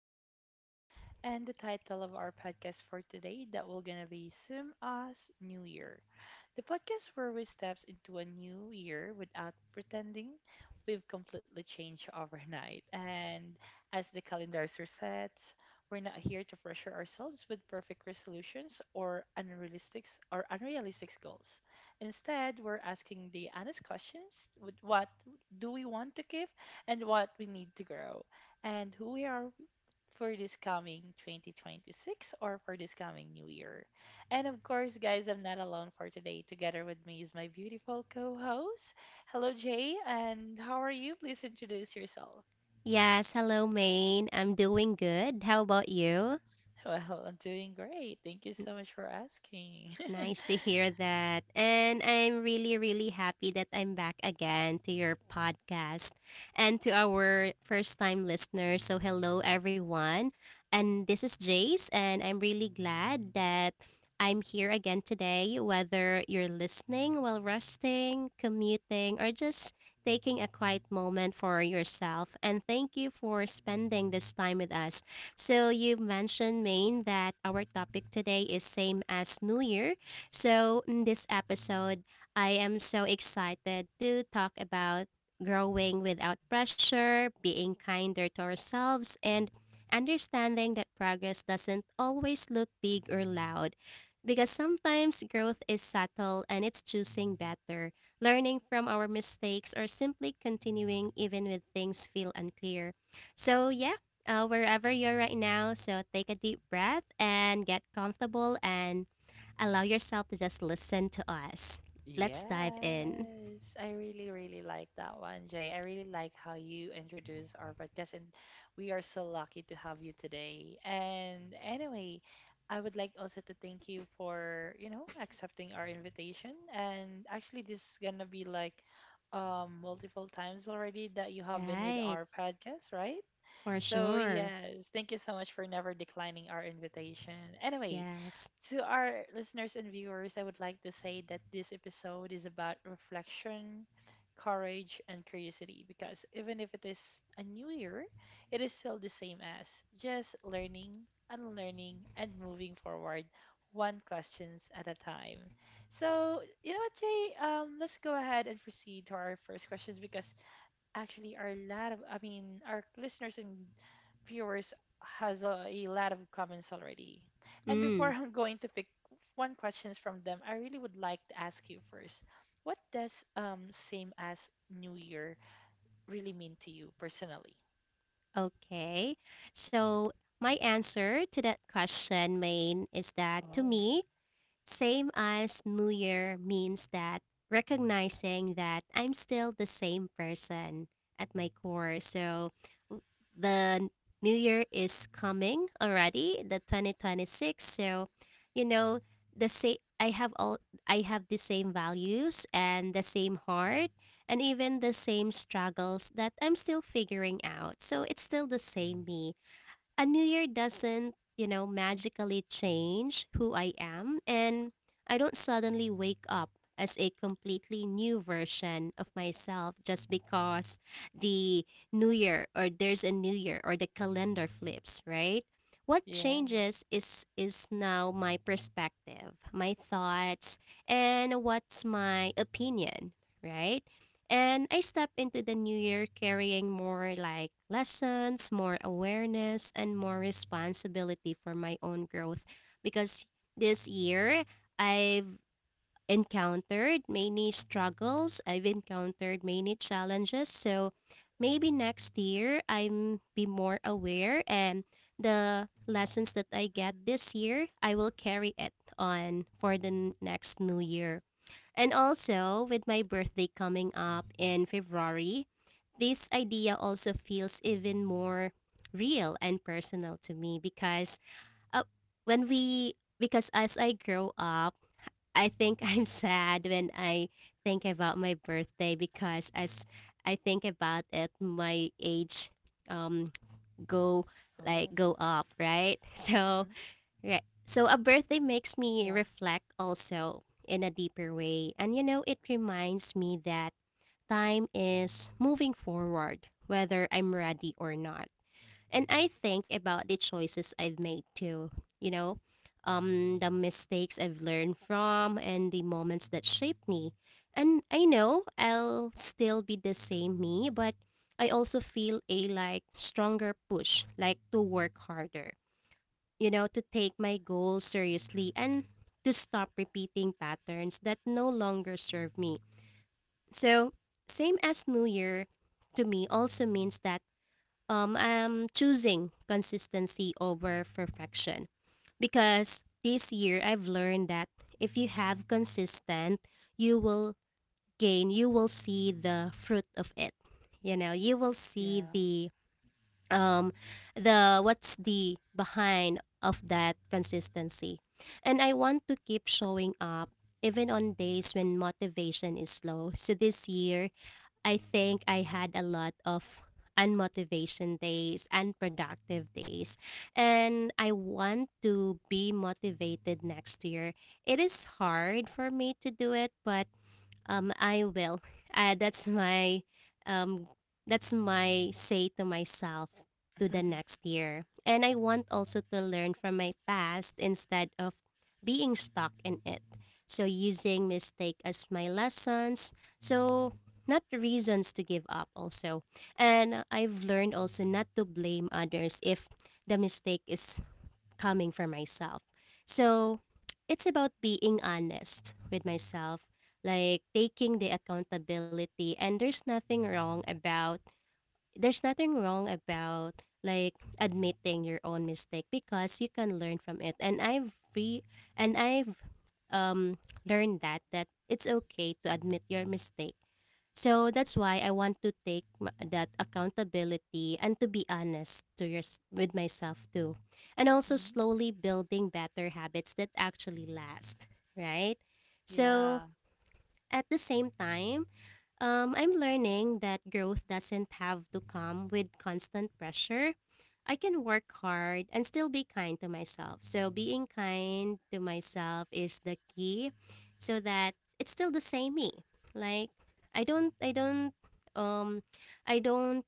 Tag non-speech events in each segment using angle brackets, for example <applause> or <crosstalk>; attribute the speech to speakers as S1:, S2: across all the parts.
S1: podcast. And the title of our podcast for today that we're gonna be Sim Us New Year, the podcast where we steps into a new year without pretending we've completely changed overnight. And as the calendars are, we're not here to pressure ourselves with perfect resolutions or unrealistic goals. Instead, we're asking the honest questions with what do we want to keep and what we need to grow and who we are for this coming 2026 or for this coming new year. And of course, guys, I'm not alone for today. Together with me is my beautiful co-host. Hello, Jay, and how are you? Please introduce yourself. <laughs>
S2: Yes, hello, Maine. I'm doing good. How about you?
S1: Well, I'm doing great. Thank you so much for asking.
S2: Nice to hear that. And I'm really, really happy that I'm back again to your podcast and to our first time listeners. So, hello, everyone. And this is Jace, and I'm really glad that I'm here again today, whether you're listening while resting, commuting, or just taking a quiet moment for yourself. And thank you for spending this time with us. So you mentioned Maine that our topic today is same as New Year, so, in this episode, I am so excited to talk about growing without pressure, being kinder to ourselves, and understanding that progress doesn't always look big or loud. Because sometimes growth is subtle and it's choosing better, learning from our mistakes, or simply continuing even when things feel unclear. So, yeah, wherever you're right now. So take a deep breath and get comfortable and allow yourself to just listen to us. Let's dive in.
S1: Yes, I really, really like that one, Jay. I really like how you introduce our podcast, and we are so lucky to have you today. And anyway, I would like also to thank you for, you know, accepting our invitation. And actually, this is gonna be like multiple times already that you have been with our
S2: Right,
S1: podcast, right?
S2: for
S1: So,
S2: sure.
S1: yes, thank you so much for never declining our invitation. Anyway,
S2: Yes.
S1: to our listeners and viewers, I would like to say that this episode is about reflection, courage, and curiosity because even if it is a new year, it is still the same as just learning, unlearning, and moving forward one questions at a time. So, you know what, Jay? Let's go ahead and proceed to our first questions because actually our lot of I mean our listeners and viewers has a lot of comments already, and before
S2: Mm,
S1: <laughs> I'm going to pick one questions from them, I really would like to ask you first, what does same as new year really mean to you personally?
S2: okay. So, my answer to that question, Maine, is that to
S1: Oh,
S2: me, same as New Year means that recognizing that I'm still the same person at my core. So w- the New Year is coming already, the 2026. So, you know, the same I have all I have the same values and the same heart and even the same struggles that I'm still figuring out. So it's still the same me. A new year doesn't, magically change who I am, and I don't suddenly wake up as a completely new version of myself just because the new year or there's a new year or the calendar flips, right? What
S1: yeah.
S2: changes is now my perspective, my thoughts, and what's my opinion, right? And I step into the new year carrying more like lessons, more awareness, and more responsibility for my own growth. Because this year, I've encountered many struggles, I've encountered many challenges. So maybe next year, I'm be more aware and the lessons that I get
S1: Mm-hmm.
S2: this year, I will carry it on for the next new year. And also, with my birthday coming up in February, this idea also feels even more real and personal to me because uh, when we because as I grow up, I think <laughs> I'm sad when I think about my birthday because as I think
S1: Oh.
S2: about it, my age um
S1: Mm-hmm.
S2: go like go up, right? <laughs> So.
S1: Yeah.
S2: Right. So a birthday makes me reflect also in a deeper way. And it reminds me that time is moving forward, whether I'm ready or not. And I think about the choices I've made too, you know, the mistakes I've learned from and the moments that shaped me. And I know I'll still be the same me, but I also feel a like stronger push, like to work harder, to take my goals seriously and to stop repeating patterns that no longer serve me. So, same as New Year to me also means that I'm choosing consistency over perfection because this year I've learned that if you have consistent, you will gain, you will see the fruit of it. You know, you will see
S1: Yeah.
S2: the um what's the behind of that consistency, and I want to keep showing up even on days when motivation is low. So this year I think I had a lot of unmotivation days, unproductive days, and I want to be motivated next year. It is hard for me to do it, but I will. Uh, that's my um, that's my say to myself to the
S1: <laughs>
S2: next year. And I want also to learn from my past instead of being stuck in it. So using mistake as my lessons. So not reasons to give up also. And I've learned also not to blame others if the mistake is coming from myself. So it's about being honest with myself, like taking the accountability. And there's nothing wrong about like admitting your own mistake because you can learn from it. And I've um learned that it's okay to admit your mistake, so that's why I want to take that accountability and to be honest with myself too. And also
S1: Mhm.
S2: slowly building better habits that actually last, right? So
S1: Yeah.
S2: at the same time, I'm learning that growth doesn't have to come with constant pressure. I can work hard and still be kind to myself. So, being kind to myself is the key so that it's still the same me. Like, I don't, I don't, um, I don't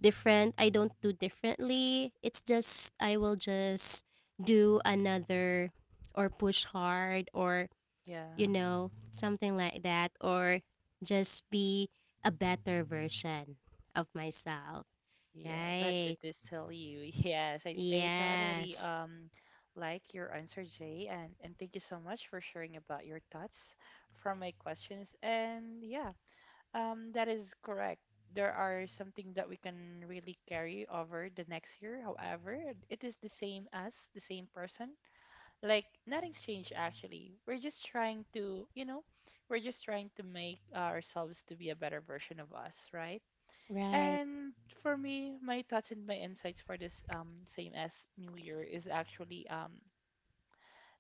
S2: I don't do differently. It's just, I will just do another or push hard or you
S1: Yeah.
S2: know, something like that, or just be a better version of myself.
S1: Yeah, but it
S2: Right.
S1: is tell you. Yes, I totally
S2: Yes.
S1: like your answer, Jay, and thank you so much for sharing about your thoughts from my questions. And yeah, that is correct. There are something that we can really carry over the next year. However, it is the same as the same person. Like nothing's changed actually. We're just trying to, you know, we're just trying to make ourselves to be a better version of us, right?
S2: Right.
S1: And for me, my thoughts and my insights for this same as New Year is actually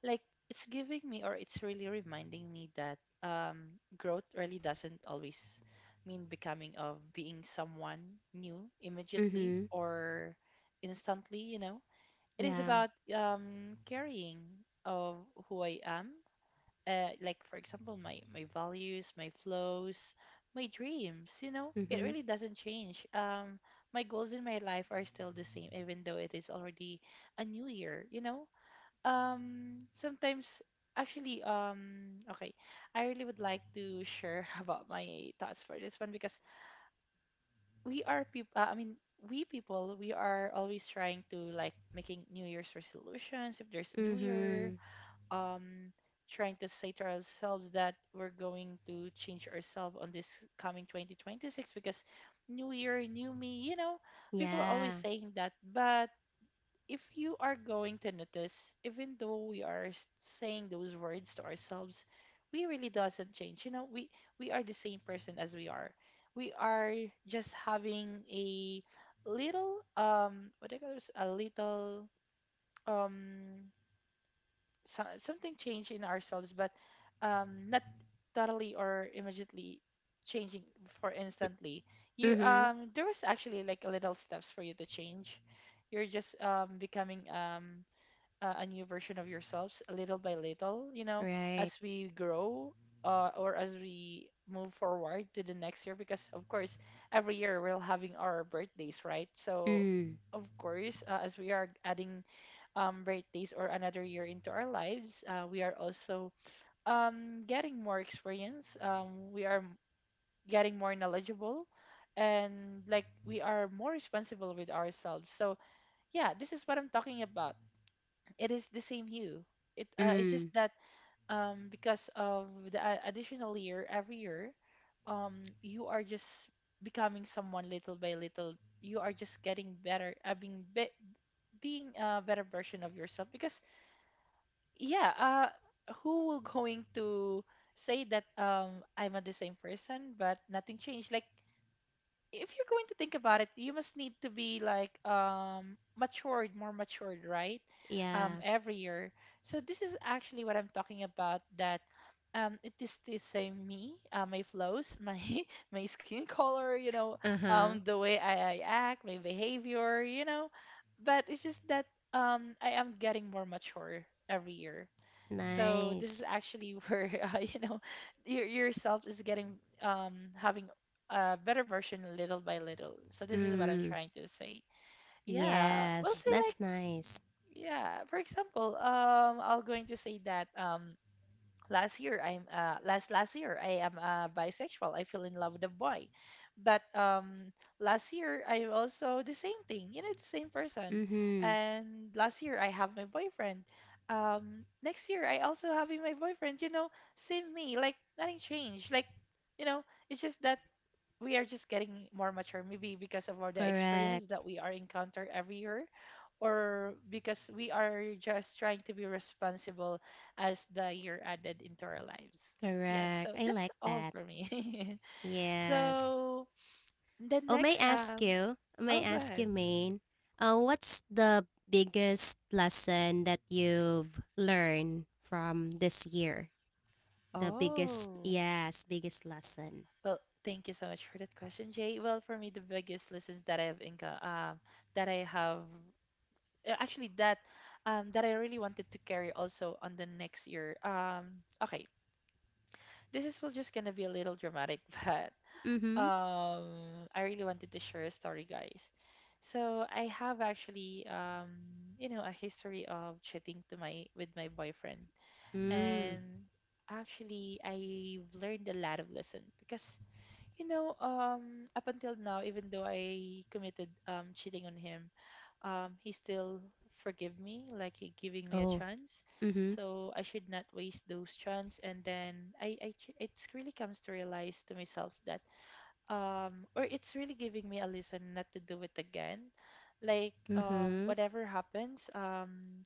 S1: like it's giving me or it's really reminding me that growth really doesn't always mean becoming of being someone new immediately
S2: Mm-hmm.
S1: or instantly, you know. It is
S2: Yeah.
S1: about carrying of who I am, like for example my values, my flows, my dreams, you know, it
S2: Mm-hmm.
S1: really doesn't change. My goals in my life are still the same even though it is already a new year, you know. Sometimes actually, okay, I really would like to share <laughs> about my thoughts for this one because we are people, I mean we people we are always trying to like making new year's resolutions if there's new year,
S2: Mm-hmm.
S1: um trying to say to ourselves that we're going to change ourselves on this coming 2026 because new year new me, you know, people are always
S2: Yeah.
S1: saying that. But if you are going to notice, even though we are saying those words to ourselves, we really doesn't change, you know. We are the same person as we are. We are just having a little, what do you call this, a little, um so, something change in ourselves, but not totally or immediately changing for instantly. You,
S2: Mm-hmm.
S1: there was actually like a little steps for you to change. You're just becoming a new version of yourselves little by little, you know,
S2: Right.
S1: as we grow, or as we move forward to the next year. Because, of course, every year we're having our birthdays, right? So,
S2: Mm.
S1: of course, as we are adding, birthdays or another year into our lives, we are also getting more experience. We are getting more knowledgeable. And like we are more responsible with ourselves. So, yeah, this is what I'm talking about. It is the same hue. It, it's
S2: Mm.
S1: just that because of the additional year every year, you are just becoming someone little by little. You are just getting better, being a better version of yourself. Because yeah, who will going to say that I'm a the same person but nothing changed? Like if you're going to think about it, you must need to be like matured, more matured, right?
S2: Yeah.
S1: Every year. So this is actually what I'm talking about. That it is the same me, my flows, my <laughs> my skin color, you know,
S2: Uh-huh.
S1: the way I act, my behavior, you know. But it's just that I am getting more mature every year. So this is
S2: Nice.
S1: actually where <laughs> you know your yourself is getting having a better version little by little. So this is what I'm
S2: Mm.
S1: trying to say. Yeah, we'll
S2: Yes.
S1: say
S2: That's
S1: like
S2: nice.
S1: yeah. For example, I will going to say that last year I'm, last year I am, bisexual, I fell in love with a boy, but last year I also the same thing, you know, the same person.
S2: Mm-hmm.
S1: And last year I have my boyfriend. Next year I also having my boyfriend, you know, same me, like nothing changed, like, you know, it's just that we are just getting more mature, maybe because of all the
S2: Correct.
S1: experience that we are encounter every year, or because we are just trying to be responsible as the year added into our lives. Yes,
S2: Correct.
S1: so
S2: I
S1: that's
S2: like
S1: all
S2: that.
S1: for me. <laughs>
S2: Yes.
S1: So the
S2: Oh, may
S1: next,
S2: I ask you, may
S1: oh, go
S2: I ask
S1: ahead.
S2: you, Maine, what's the biggest lesson that you've learned from this year? The biggest,
S1: Oh,
S2: yes, biggest lesson.
S1: well, thank you so much for that question, Jay. Well, for me, the biggest lessons that I've encountered, that I have, actually that, that I really wanted to carry also on the next year. Okay, this is well just gonna be a little dramatic, <laughs> but
S2: Mm-hmm.
S1: I really wanted to share a story, guys. So I have actually, you know, a history of cheating to my with my boyfriend,
S2: Mm.
S1: and actually I've learned a lot of lesson because you know up until now, even though I committed, cheating on him, he still forgive me, like he giving me a
S2: Oh.
S1: chance.
S2: Mm-hmm.
S1: So I should not waste those chance. And then it's really comes to realize to myself that or it's really giving me a lesson not to do it again. Like
S2: Mm-hmm.
S1: whatever happens,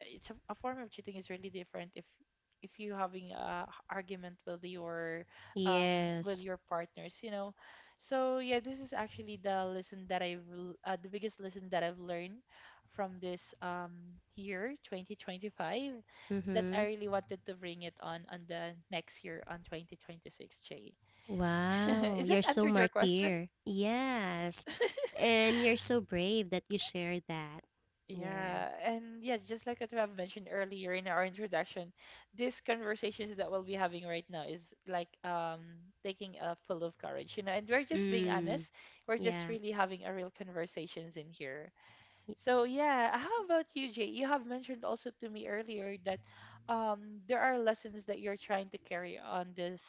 S1: it's a form of cheating is really different if you having a argument
S2: Yes.
S1: with your partners, you know. So yeah, this is actually the lesson that the biggest lesson that I've learned from this year 2025 that I
S2: Mm-hmm.
S1: really wanted to bring it on the next year on 2026, Jay. <laughs>
S2: Wow,
S1: Is that
S2: you're so
S1: answered your question?
S2: martyr. Yes. And you're so brave that you share that. Yeah.
S1: Yeah, and yeah, just like what we have mentioned earlier in our introduction, these conversations that we'll be having right now is like taking a full of courage, you know, and we're just being
S2: Mm.
S1: honest. We're just
S2: Yeah.
S1: really having a real conversations in here. So yeah, how about you, Jay? You have mentioned also to me earlier that there are lessons that you're trying to carry on this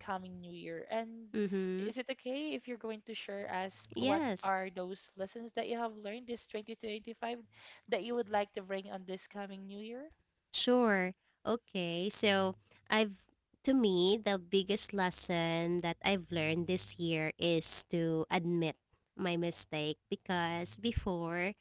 S1: coming new year. And
S2: Mm-hmm.
S1: is it okay if you're going to share us what
S2: Yes.
S1: are those lessons that you have learned this 2025 that you would like to bring on this coming new year?
S2: Sure. Okay. So I've to me the biggest lesson that I've learned this year is to admit my mistake, because before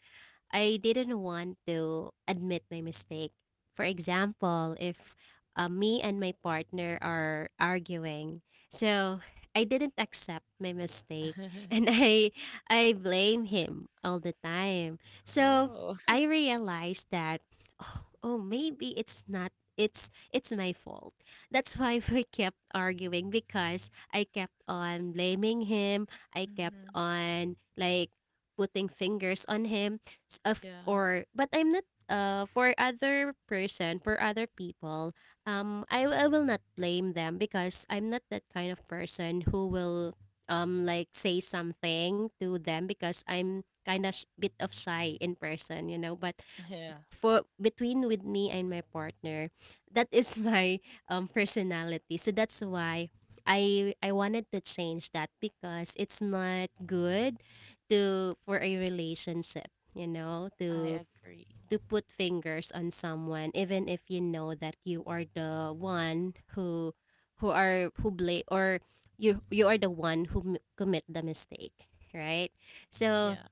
S2: I didn't want to admit my mistake. For example, if me and my partner are arguing, so I didn't accept my mistake <laughs> and
S1: <laughs>
S2: I blame him all the time. So
S1: Oh.
S2: I realized that oh, oh maybe it's not, it's my fault. That's why <laughs> we kept arguing because I kept on blaming him. I kept
S1: Hmm.
S2: on like putting fingers on him. S- of
S1: Yeah.
S2: or But I'm not, for other people, I will not blame them because I'm not that kind of person who will like say something to them because I'm kind of bit of shy in person, but
S1: <laughs> Yeah,
S2: for between with me and my partner, that is <laughs> my personality. So that's why I wanted to change that because it's not good to for a relationship, you know,
S1: I agree.
S2: to put fingers on someone even if you know that you are the one who are who blame, or you are the one who commit the mistake, right? So
S1: Yeah,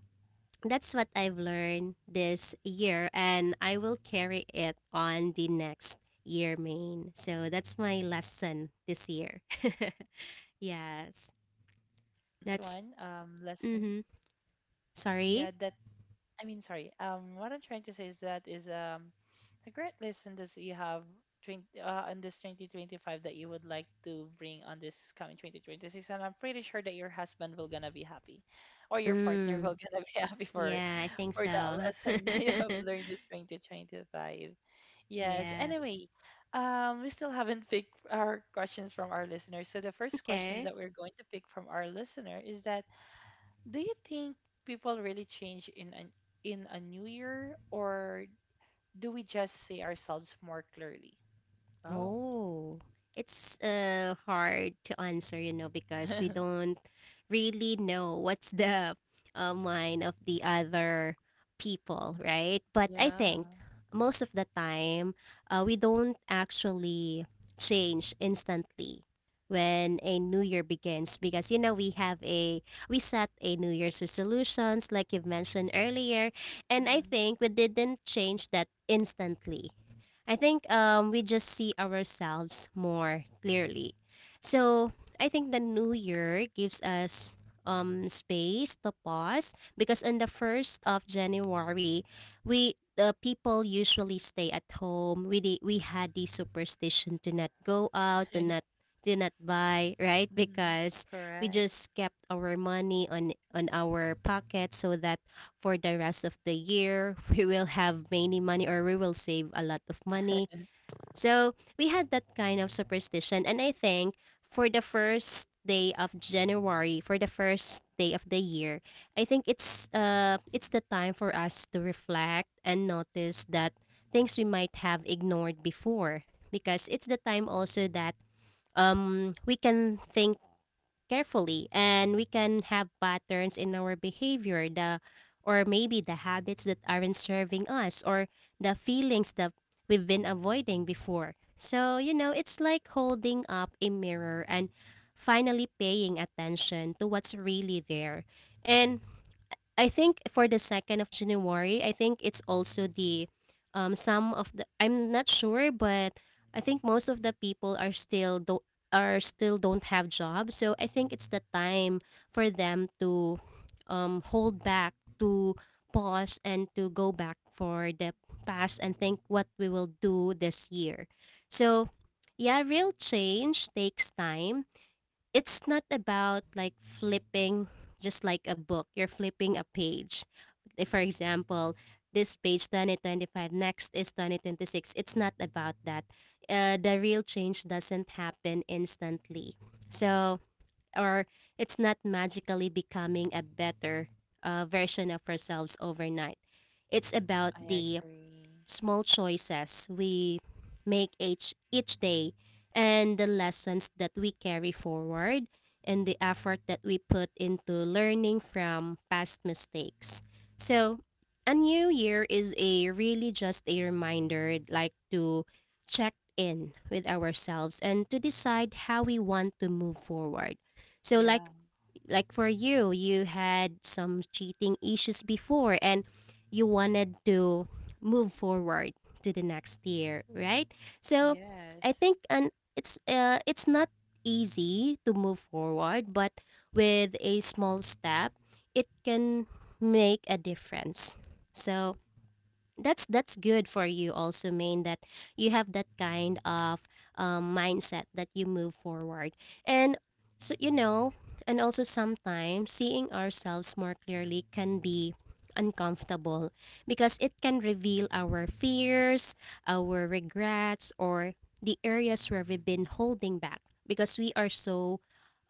S2: that's what I've learned this year, and I will carry it on the next year, main. So that's my lesson this year. <laughs>
S1: well, that
S2: Yes,
S1: was a great
S2: that's.
S1: one lesson.
S2: Mm-hmm. Sorry.
S1: Yeah, that I mean, sorry. What I'm trying to say is that is a great lesson that you have 20, on this 2025 that you would like to bring on this coming 2026, and I'm pretty sure that your husband will gonna be happy, or your partner
S2: Mm,
S1: will gonna be <laughs> happy for
S2: yeah, I think
S1: that
S2: so.
S1: lesson that you have learned this 2025.
S2: <laughs>
S1: Yes.
S2: Yes.
S1: Anyway, we still haven't picked our questions from our listeners. So the first
S2: Okay.
S1: questions that we're going to pick from our listener is that, do you think people really change in an in a new year, or do we just see ourselves more clearly? Oh.
S2: Oh, it's hard to answer, because we
S1: <laughs>
S2: don't really know what's the mind of the other people, right? But I think
S1: Yeah.
S2: most of the time, we don't actually change instantly when a new year begins, because we set a new year's resolutions like you've mentioned earlier, and I
S1: Hmm.
S2: think we didn't change that instantly. I think we just see ourselves more clearly. So I think the new year gives us space to pause because on the first of January, we the people usually stay at home. We had the superstition to not go out, to not buy, right?
S1: Hmm. <laughs>
S2: Because we
S1: Correct.
S2: just kept our money on our pocket so that for the rest of the year, <laughs> we will have many money, or we will save a lot of money. So we had that kind of superstition. And I think for the first day of January, for the first day of the year, I think it's the time for us to reflect and notice that things we might have ignored before, because it's the time also that we can think carefully and we can have patterns in our behavior, the or maybe the habits that aren't serving us, or the feelings that we've been avoiding before. So, you know, it's like holding up a mirror and finally paying attention to what's really there. And I think for the second of January, I think it's also the some of the, I'm not sure, but I think most of the people are still don't have jobs. So I think it's the time for them to hold back, to pause and to go back for the past and think what we will do this year. So yeah, real change takes time. It's not about like flipping, just like a book you're flipping a page, if for example this page 2025, next is 2026. It's not about that. The real change doesn't happen instantly. So, or it's not magically becoming a better, version of ourselves overnight. It's about
S1: I
S2: the
S1: agree.
S2: small choices we make each day, and the lessons that we carry forward, and the effort that we put into learning from past mistakes. So, a new year is a really just a reminder like to check in with ourselves and to decide how we want to move forward. So
S1: Yeah.
S2: like for you, you had some cheating issues before and you wanted to move forward to the next year, right? So I
S1: Yes.
S2: think and it's not easy to move forward, but with a small step, it can make a difference. So that's good for you also, Main, that you have that kind of mindset that you move forward. And so, and also sometimes seeing ourselves more clearly can be uncomfortable because it can reveal our fears, our regrets, or the areas where we've been holding back because we are so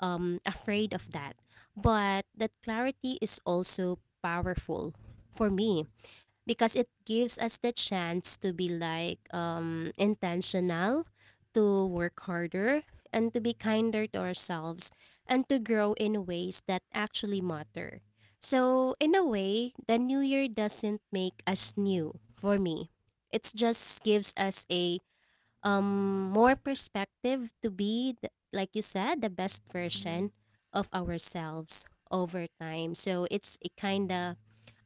S2: afraid of that. But that clarity is also powerful for me because it gives us the chance to be, like, intentional, to work harder, and to be kinder to ourselves, and to grow in ways that actually matter. So, in a way, the new year doesn't make us new for me. It just gives us a more perspective to be, like you said, the best version
S1: Hmm.
S2: of ourselves over time. So, it's a kind of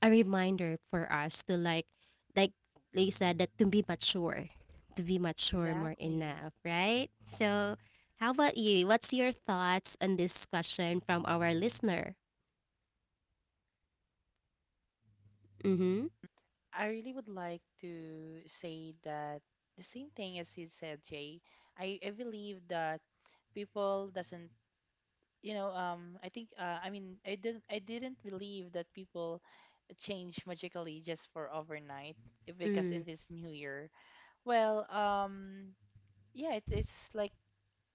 S2: a reminder for us to, like they said, that to be mature more,
S1: Exactly.
S2: enough, right? So how about you? What's your thoughts on this question from our listener?
S1: Our listeners, our viewers. Yep.
S2: Mm-hmm.
S1: I really would like to say that the same thing as you said, Jay. I believe that people doesn't I think I mean I didn't believe that people change magically just for overnight because it
S2: Mm.
S1: is New Year. Well, um, yeah, it is like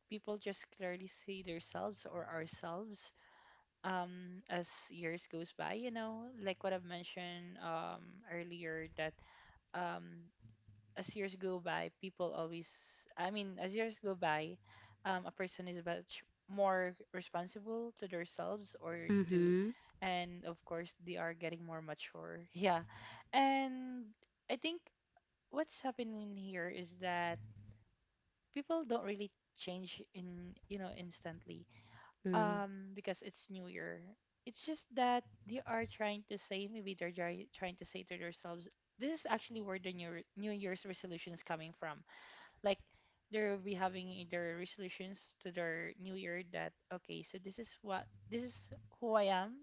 S1: people just clearly see themselves or ourselves as years goes by. You know, like what I've mentioned earlier that um as years go by, people always, I mean, as years go by, a person is much more responsible to themselves or to,
S2: Mm-hmm.
S1: and of course, they are getting more mature. <laughs> Yeah. And I think what's happening here is that people don't really change in, you know, instantly
S2: Mm.
S1: because it's New Year. It's just that they are trying to say, maybe they're trying to say to themselves, this is actually where the New Year's resolution is coming from, like they'll be having their resolutions to their new year that, okay, so this is what, this is who I am,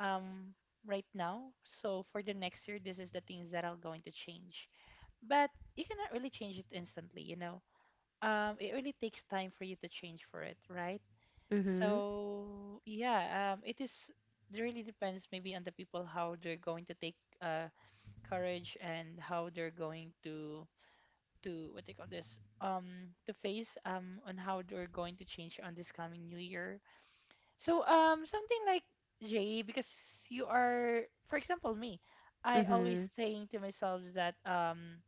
S1: um right now, so for the next year this is the things that I'm going to change. But you cannot really change it instantly, you know. It really takes time for you to change for it, right?
S2: Mm-hmm.
S1: So yeah, it is, it really depends maybe on the people, how they're going to take courage and how they're going to what they call this, to face, on how they're going to change on this coming new year. So something like Jay because you are, for example me, I always
S2: Mm-hmm.
S1: saying to myself that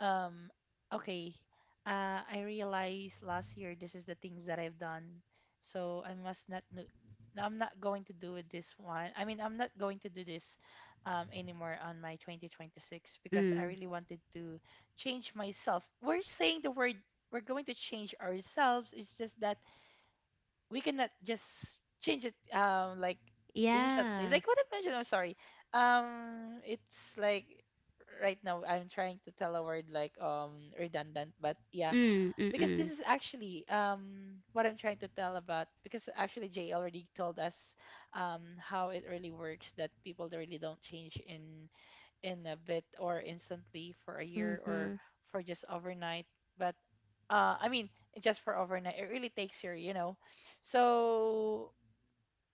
S1: um, okay. I realized last year this is the things that I've done, so I must not. No- I'm not going to do it this one. I mean, I'm not going to do this anymore on my 2026 because I
S2: Mm.
S1: really wanted to change myself. We're saying the word. We're going to change ourselves. It's just that we cannot just change it like instantly,
S2: Yeah.
S1: like what I mentioned. I'm sorry. It's like right now I'm trying to tell a word like redundant, but yeah,
S2: Mm.
S1: because this
S2: Mm-mm.
S1: is actually what I'm trying to tell about, because actually Jay already told us how it really works, that people they really don't change in a bit or instantly for a year or
S2: Mm-hmm.
S1: for just overnight. But I mean, just for overnight, it really takes your, you know. So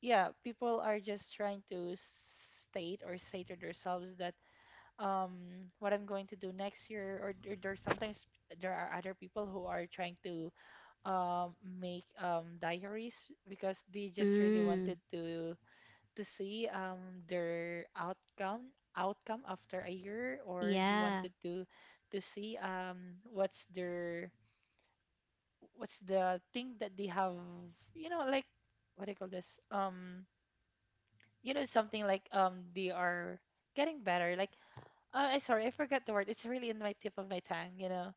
S1: yeah, people are just trying to state or say to themselves that what I'm going to do next year, there, there are other people who are trying to make diaries because they just really
S2: Mm.
S1: wanted to see their outcome after a year, or they wanted
S2: Yeah.
S1: to see what's their, what's the thing that they have, you know, like, what do you call this, you know, something like, they are getting better, like, I, sorry, I forgot the word, it's really in my tip of my tongue, you know.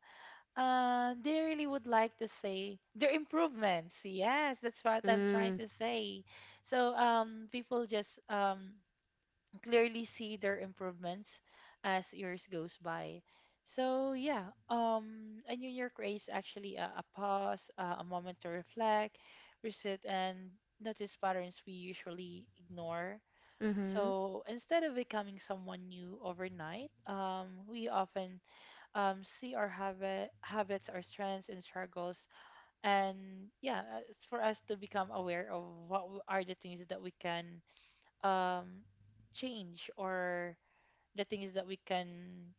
S1: They really would like to say their improvements, yes, that's what I'm trying
S2: Mm.
S1: to say. So people just clearly see their improvements as years goes by. So yeah, a New Year craze actually a pause, a moment to reflect, reset, and notice patterns we usually ignore.
S2: Mm-hmm.
S1: So instead of becoming someone new overnight, we often see our habits, our strengths and struggles, and yeah, it's for us to become aware of what are the things that we can um, change, or the things that we can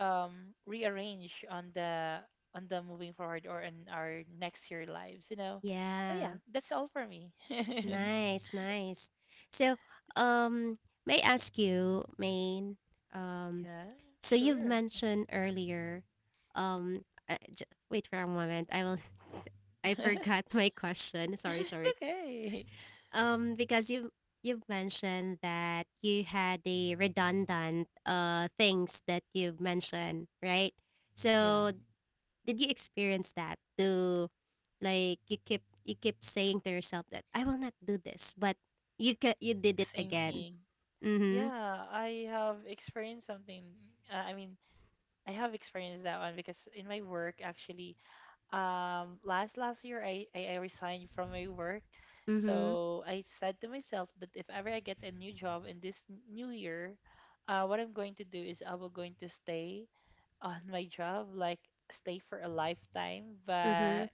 S1: rearrange on the, on the moving forward or in our next year lives, you know. So yeah,
S2: Yeah.
S1: that's all for me.
S2: Nice, nice. So, um, may I ask you, Maine,
S1: <laughs>
S2: um,
S1: Yeah,
S2: so you've
S1: sure.
S2: mentioned earlier, wait for a moment. I will, <laughs> I
S1: <laughs>
S2: forgot my question. Sorry,
S1: It's
S2: sorry.
S1: okay.
S2: Because you've mentioned that you had the redundant things that you've mentioned, right?
S1: Yeah,
S2: So did you experience that to, like, you keep saying to yourself that I will not do this, but you did it
S1: same
S2: again.
S1: thing.
S2: Mhm.
S1: Yeah, I have experienced something. I mean, I have experienced that one because in my work, actually, last year I resigned from my work.
S2: Mhm.
S1: So I said to myself that if ever I get a new job in this new year, what I'm going to do is I will going to stay on <laughs> my job, like stay for a lifetime.
S2: Mhm.
S1: But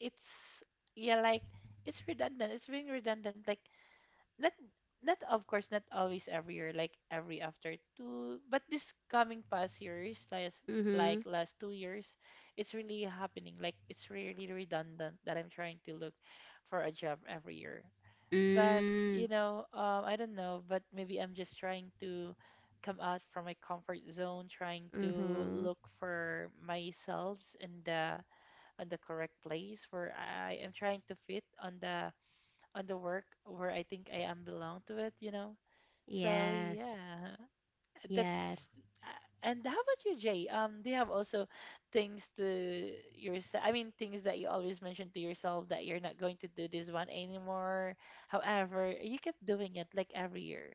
S1: it's, yeah, like it's redundant. It's being redundant. Like not, not of course not always every year, like every after two, but this coming past years, like
S2: Mhm.
S1: last 2 years it's really happening, like it's really redundant that I'm trying to look for a job every year. But you
S2: Mm.
S1: know, I don't know, but maybe I'm just trying to come out from my comfort zone, trying to
S2: Mhm.
S1: look for myself in the, on the correct place where I am trying to fit on the, on the work where I think I am belong to it, you know. So
S2: Yes.
S1: yeah,
S2: Yes.
S1: that's uh, and how about you, Jay? Do you have also things to yourself? I mean, things that you always mention to yourself that you're not going to do this one anymore. However, you kept doing it like every year.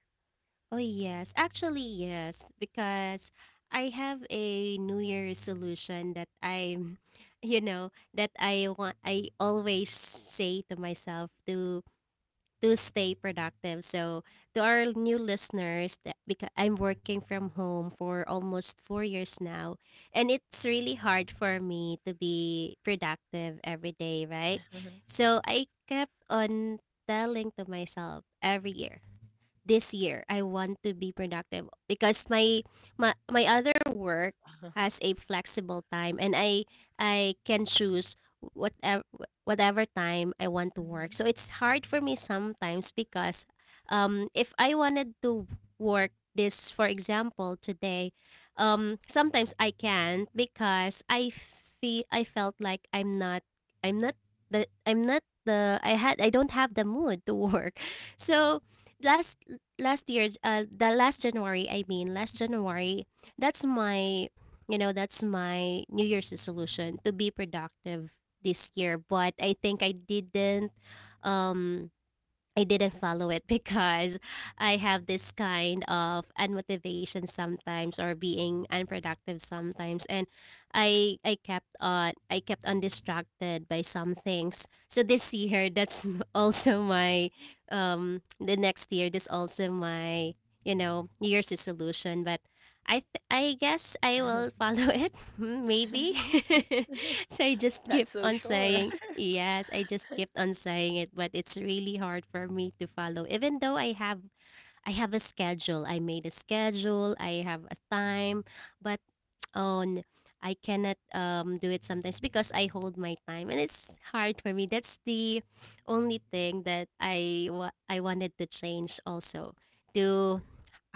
S2: Oh yes. Actually yes, because I have a New Year resolution that I, <laughs> that I want. I always say to myself to stay productive. So, to our new listeners, that because I'm working from home for almost 4 years now, and it's really hard for me to be productive every day, right?
S1: <laughs>
S2: So, I kept on telling to myself every year, this year I want to be productive because my other work has a flexible time, and I can choose whatever whatever time I want to work.
S1: Mhm.
S2: So it's hard for me sometimes because, if I wanted to work this, for example, today, sometimes I can't because I felt like I'm not I'm not the I had I don't have the mood to work. <laughs> So last last year, the last January, I mean, last January, that's my, that's my New Year's resolution to be productive this year. But I think um, I didn't follow it <laughs> because I have this kind of unmotivation sometimes or being unproductive sometimes, and I kept on, distracted by some things. So this year, that's <laughs> also my the next year that's also my, New Year's resolution, but I guess I will
S1: <laughs>
S2: follow <laughs> it maybe. <laughs> So I just
S1: Not
S2: kept
S1: so
S2: on
S1: sure.
S2: saying.
S1: <laughs>
S2: Yes, I just kept on saying it, but it's really hard for me to follow. Even though I have a schedule. I made a schedule, I have a time, but on, I cannot do it sometimes because I hold my time, and it's hard for me. That's the only thing that I wanted to change also, to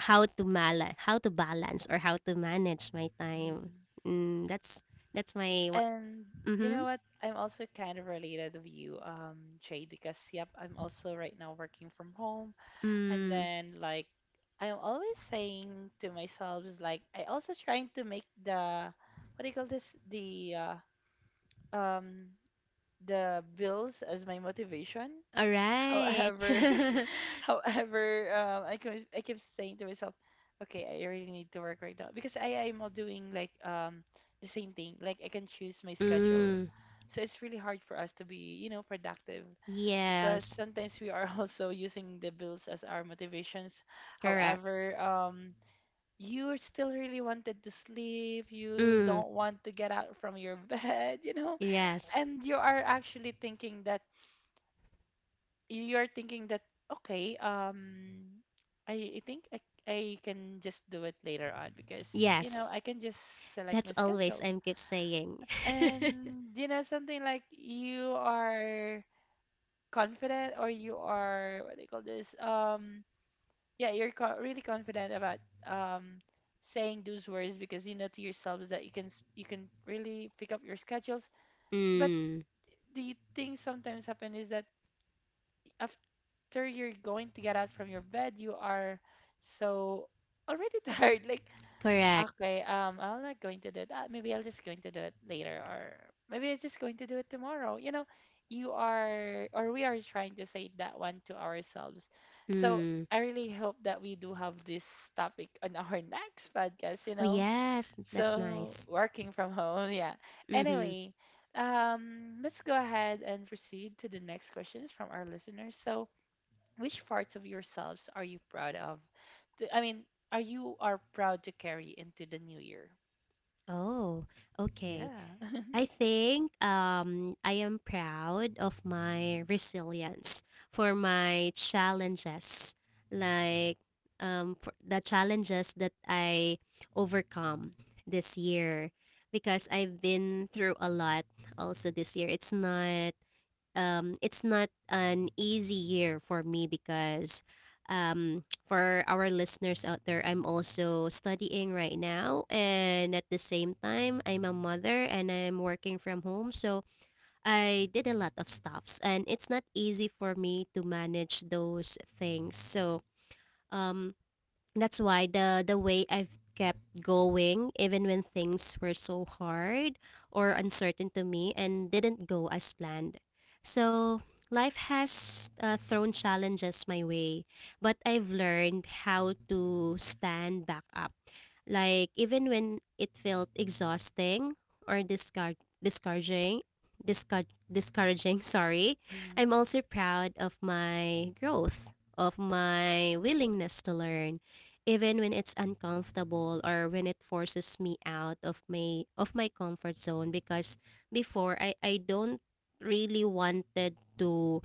S2: how to balance, or how to manage my time.
S1: Mm.
S2: Mm, that's my.
S1: And you know
S2: Mm-hmm.
S1: what? I'm also kind of related with you, Jay, because yep, I'm also right now working from home.
S2: Mm.
S1: And
S2: Hmm.
S1: then like I'm always saying to myself is like I also trying to make the, what do you call this, uh, um the bills as my motivation.
S2: All right.
S1: However,
S2: <laughs>
S1: <laughs> however, I could, I keep saying to myself, okay, I really need to work right now because I'm all doing like the same thing. Like I can choose my schedule,
S2: Mm.
S1: so it's really hard for us to be, you know, productive because
S2: Yes.
S1: sometimes we are <laughs> also using the bills as our motivations.
S2: Correct.
S1: However, you still really wanted to sleep. You
S2: Mm.
S1: don't want to get out from your <laughs> bed, you know,
S2: Yes.
S1: and you are actually thinking that, you're thinking that, okay, I think I can just do it later on because you know
S2: Yes.
S1: I can just select
S2: That's
S1: my
S2: always
S1: schedule.
S2: I'm keep saying. <laughs>
S1: And you know, something like you are confident, or you are, what do you call this, yeah, really confident about um saying those words because you know to yourselves that you can you can really pick up your schedules. But
S2: Mm.
S1: the thing sometimes happen is that a, after you're going to get out from your bed, you are so already <laughs> tired. Like,
S2: Correct.
S1: okay, I'm not going to do that. Maybe I'll just going to do it later, or maybe I'm just going to do it tomorrow. You know, you are, or we are trying to say that one to ourselves. So
S2: Mm.
S1: I really hope that we do have this topic on our <laughs> next podcast. You
S2: Oh
S1: know,
S2: yes, that's
S1: so
S2: nice.
S1: working from home, yeah.
S2: Mm-hmm.
S1: Anyway. Let's go ahead and proceed to the next questions from our listeners. So, which parts of yourselves are you proud of? I mean, are you, are proud to carry into the new year?
S2: Oh, okay.
S1: Yeah.
S2: I think, I am proud of my resilience for my challenges, like, for the challenges that I overcome this year, because I've been through a lot also this year. It's not an easy year for me because, for our listeners out there, I'm also studying right now. And at the same time, I'm a mother, and I'm working from home. So I did a lot of stuffs, and it's not easy for me to manage those things. So, um, that's why the way I've kept going even when things were so hard or uncertain to me and didn't go as planned. So life has thrown challenges my way, but I've learned how to stand back up, like, even when it felt exhausting or discard discouraging, discour discouraging, <laughs> Sorry.
S1: <laughs> Hmm.
S2: I'm also proud of my growth, of my willingness to learn, even when it's uncomfortable, or when it forces me out of my comfort zone, because before, I don't really wanted to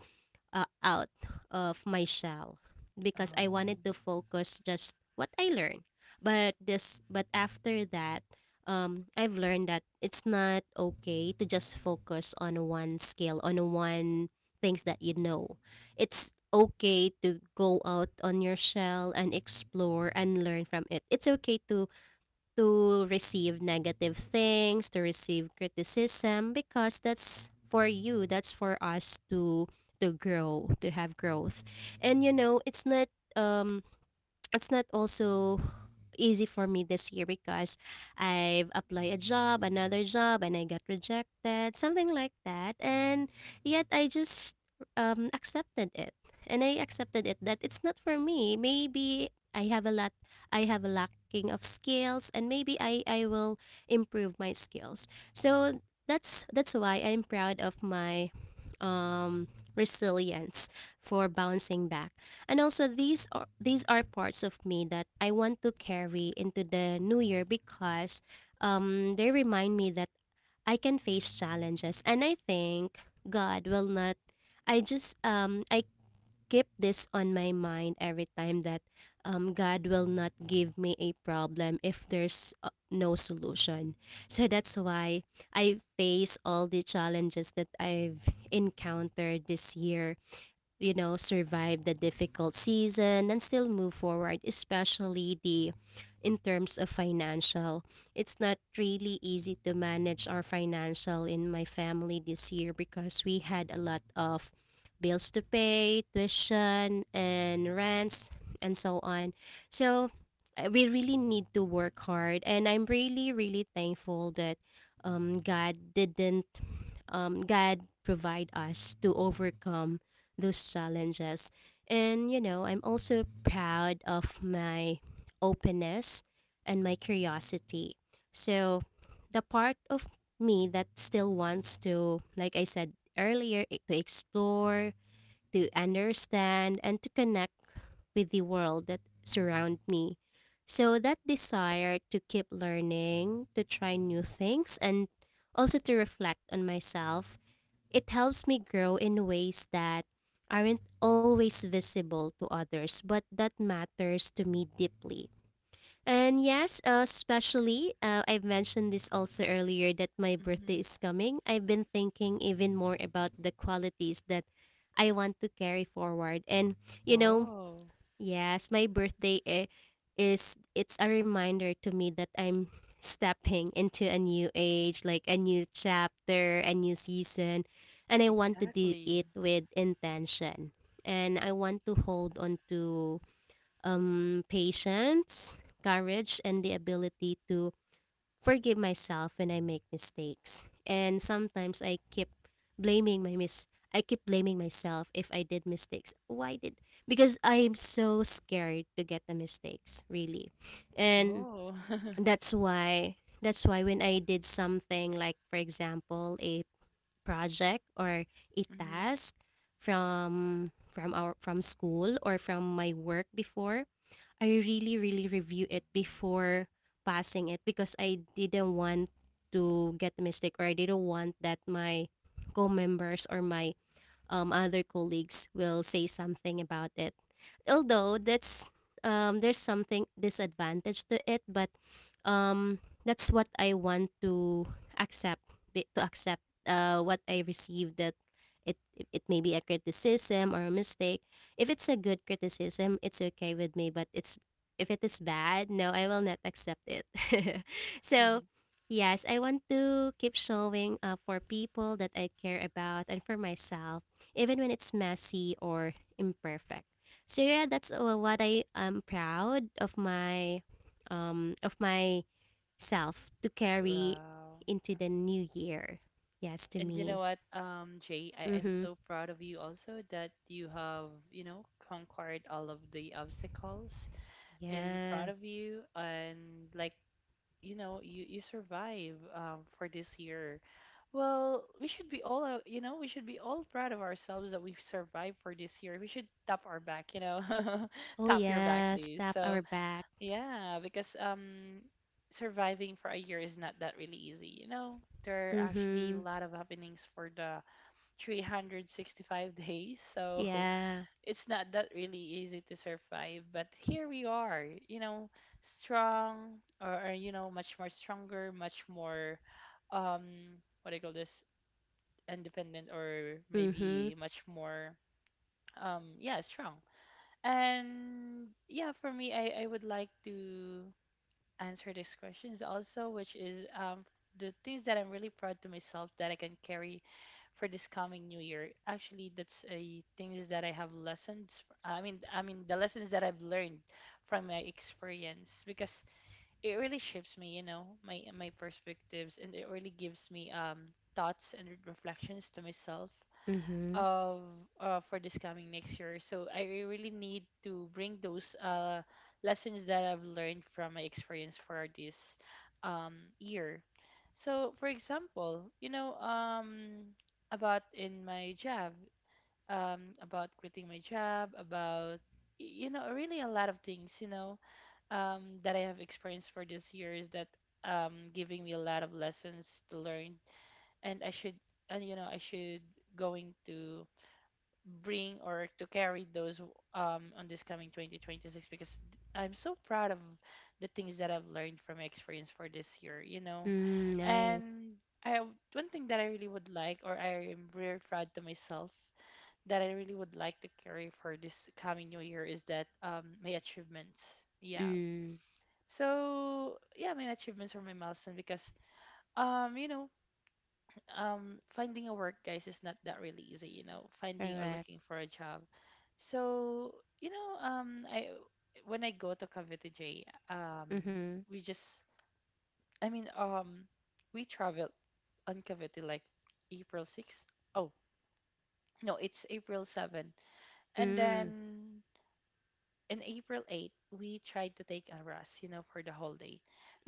S2: out of my shell because I
S1: Oh.
S2: wanted to focus just what I learned. But after that, I've learned that it's not okay to just focus on one skill, on one things that you know. It's okay to go out on your shell and explore and learn from it. It's okay to receive negative things, to receive criticism, because that's for you, that's for us to grow, to have growth. And, it's not um also easy for me this year because I've applied a job, another job, and I got rejected, something like that. And yet I just accepted it. And I accepted it that it's not for me. Maybe I have a lacking of skills, and maybe I will improve my skills. So that's why I'm proud of my um resilience for bouncing back, and also these are parts of me that I want to carry into the new year, because they remind me that I can face challenges, and I think God will not I just I keep this on my mind every time, that God will not give me a problem if there's, no solution. So that's why I face all the challenges that I've encountered this year, survive the difficult season and still move forward, especially the in terms of financial. It's not really easy to manage our financial in my family this year because we had a lot of bills to pay, tuition and rents, and so on. So, we really need to work hard, and I'm really, really thankful that, God didn't God provide us to overcome those challenges. And, I'm also proud of my openness and my curiosity. So the part of me that still wants to, like I said earlier, to explore, to understand, and to connect with the world that surround me. So that desire to keep learning, to try new things, and also to reflect on myself, it helps me grow in ways that aren't always visible to others, but that matters to me deeply. And yes, especially, I've mentioned this also earlier, that my
S1: Hmm.
S2: birthday is coming. I've been thinking even more about the qualities that I want to carry forward. And, you know,
S1: Whoa.
S2: yes, my birthday I- is it's a reminder to me that I'm stepping into a new age, like a new chapter, a new season, and I want to do
S1: Exactly.
S2: it with intention. And I want to hold on to patience, courage, and the ability to forgive myself when I make mistakes. And sometimes blaming my mis I keep blaming myself if I did mistakes. Why did because I'm so scared to get the mistakes, really. And
S1: Oh. <laughs>
S2: that's why when I did something, like, for example, a project or a
S1: Hmm.
S2: task from school, or from my work before, I really, really review it before passing it, because I didn't want to get a mistake, or I didn't want that my co-members, or my, other colleagues will say something about it. Although that's there's something disadvantage to it, but, um, that's what I want to accept, what I received, that it may be a criticism or a mistake. If it's a good criticism, it's okay with me, but it's if it is bad, no, I will not accept it. <laughs> So,
S1: <laughs>
S2: yes, I want to keep showing, for people that I care about and for myself, even when it's messy or imperfect. So yeah, that's what I am proud of myself to carry
S1: Wow.
S2: into the
S1: Hmm.
S2: new year. Yes, to
S1: And you
S2: me.
S1: know what, Jay, I am
S2: Mhm.
S1: so proud of you also that you have, you know, conquered all of the obstacles in
S2: Yeah.
S1: front of you and like, you know, you survive for this year. Well, we should be all, you know, we should be all proud of ourselves that we've survived for this year. We should tap our back, you know, <laughs>
S2: Oh
S1: tap your back,
S2: yeah.
S1: please.
S2: Tap our
S1: So
S2: back.
S1: yeah, because surviving for a year is not that really easy. You know, there are actually a
S2: Mhm.
S1: lot of happenings for the 365 days, so
S2: Yeah.
S1: <laughs> it's not that really easy to survive. But here we are, you know, strong, or you know, much more stronger, much more um what do you call this, independent, or maybe
S2: Mhm.
S1: much more yeah strong. And yeah, for me, I would like to answer these questions also, which is the things that I'm really proud to myself that I can carry for this coming new year, actually, that's a things that I have lessons, I mean the lessons that I've learned from my experience because it really shapes me, you know, my perspectives, and it really gives me thoughts and reflections to myself
S2: Mhm.
S1: of for this coming next year. So I really need to bring those lessons that I've learned from my experience for this um, year. So for example, you know, about in my job, about quitting my job, about you know, really a lot of things, you know, that I have experienced for this year is that, giving me a lot of lessons to learn, and I should, and you know, I should going to bring or to carry those on this coming 2026 because I'm so proud of the things that I've learned from my experience for this year, you know.
S2: Mm, nice.
S1: And I one thing that I really would like, or I am very proud to myself, that I really would like to carry for this coming new year is that, my achievements. Yeah.
S2: Mm.
S1: So yeah, my achievements or my milestone because, um, you know, finding a work, guys, is not that really easy, finding or
S2: Correct.
S1: looking for a job. So you know I when I go to Cavite, J,
S2: Mhm.
S1: we just I mean we travel on Cavite like April 6th. Oh no, it's April 7. And
S2: Mm.
S1: then in April 8, we tried to take a rest, you know, for the whole day.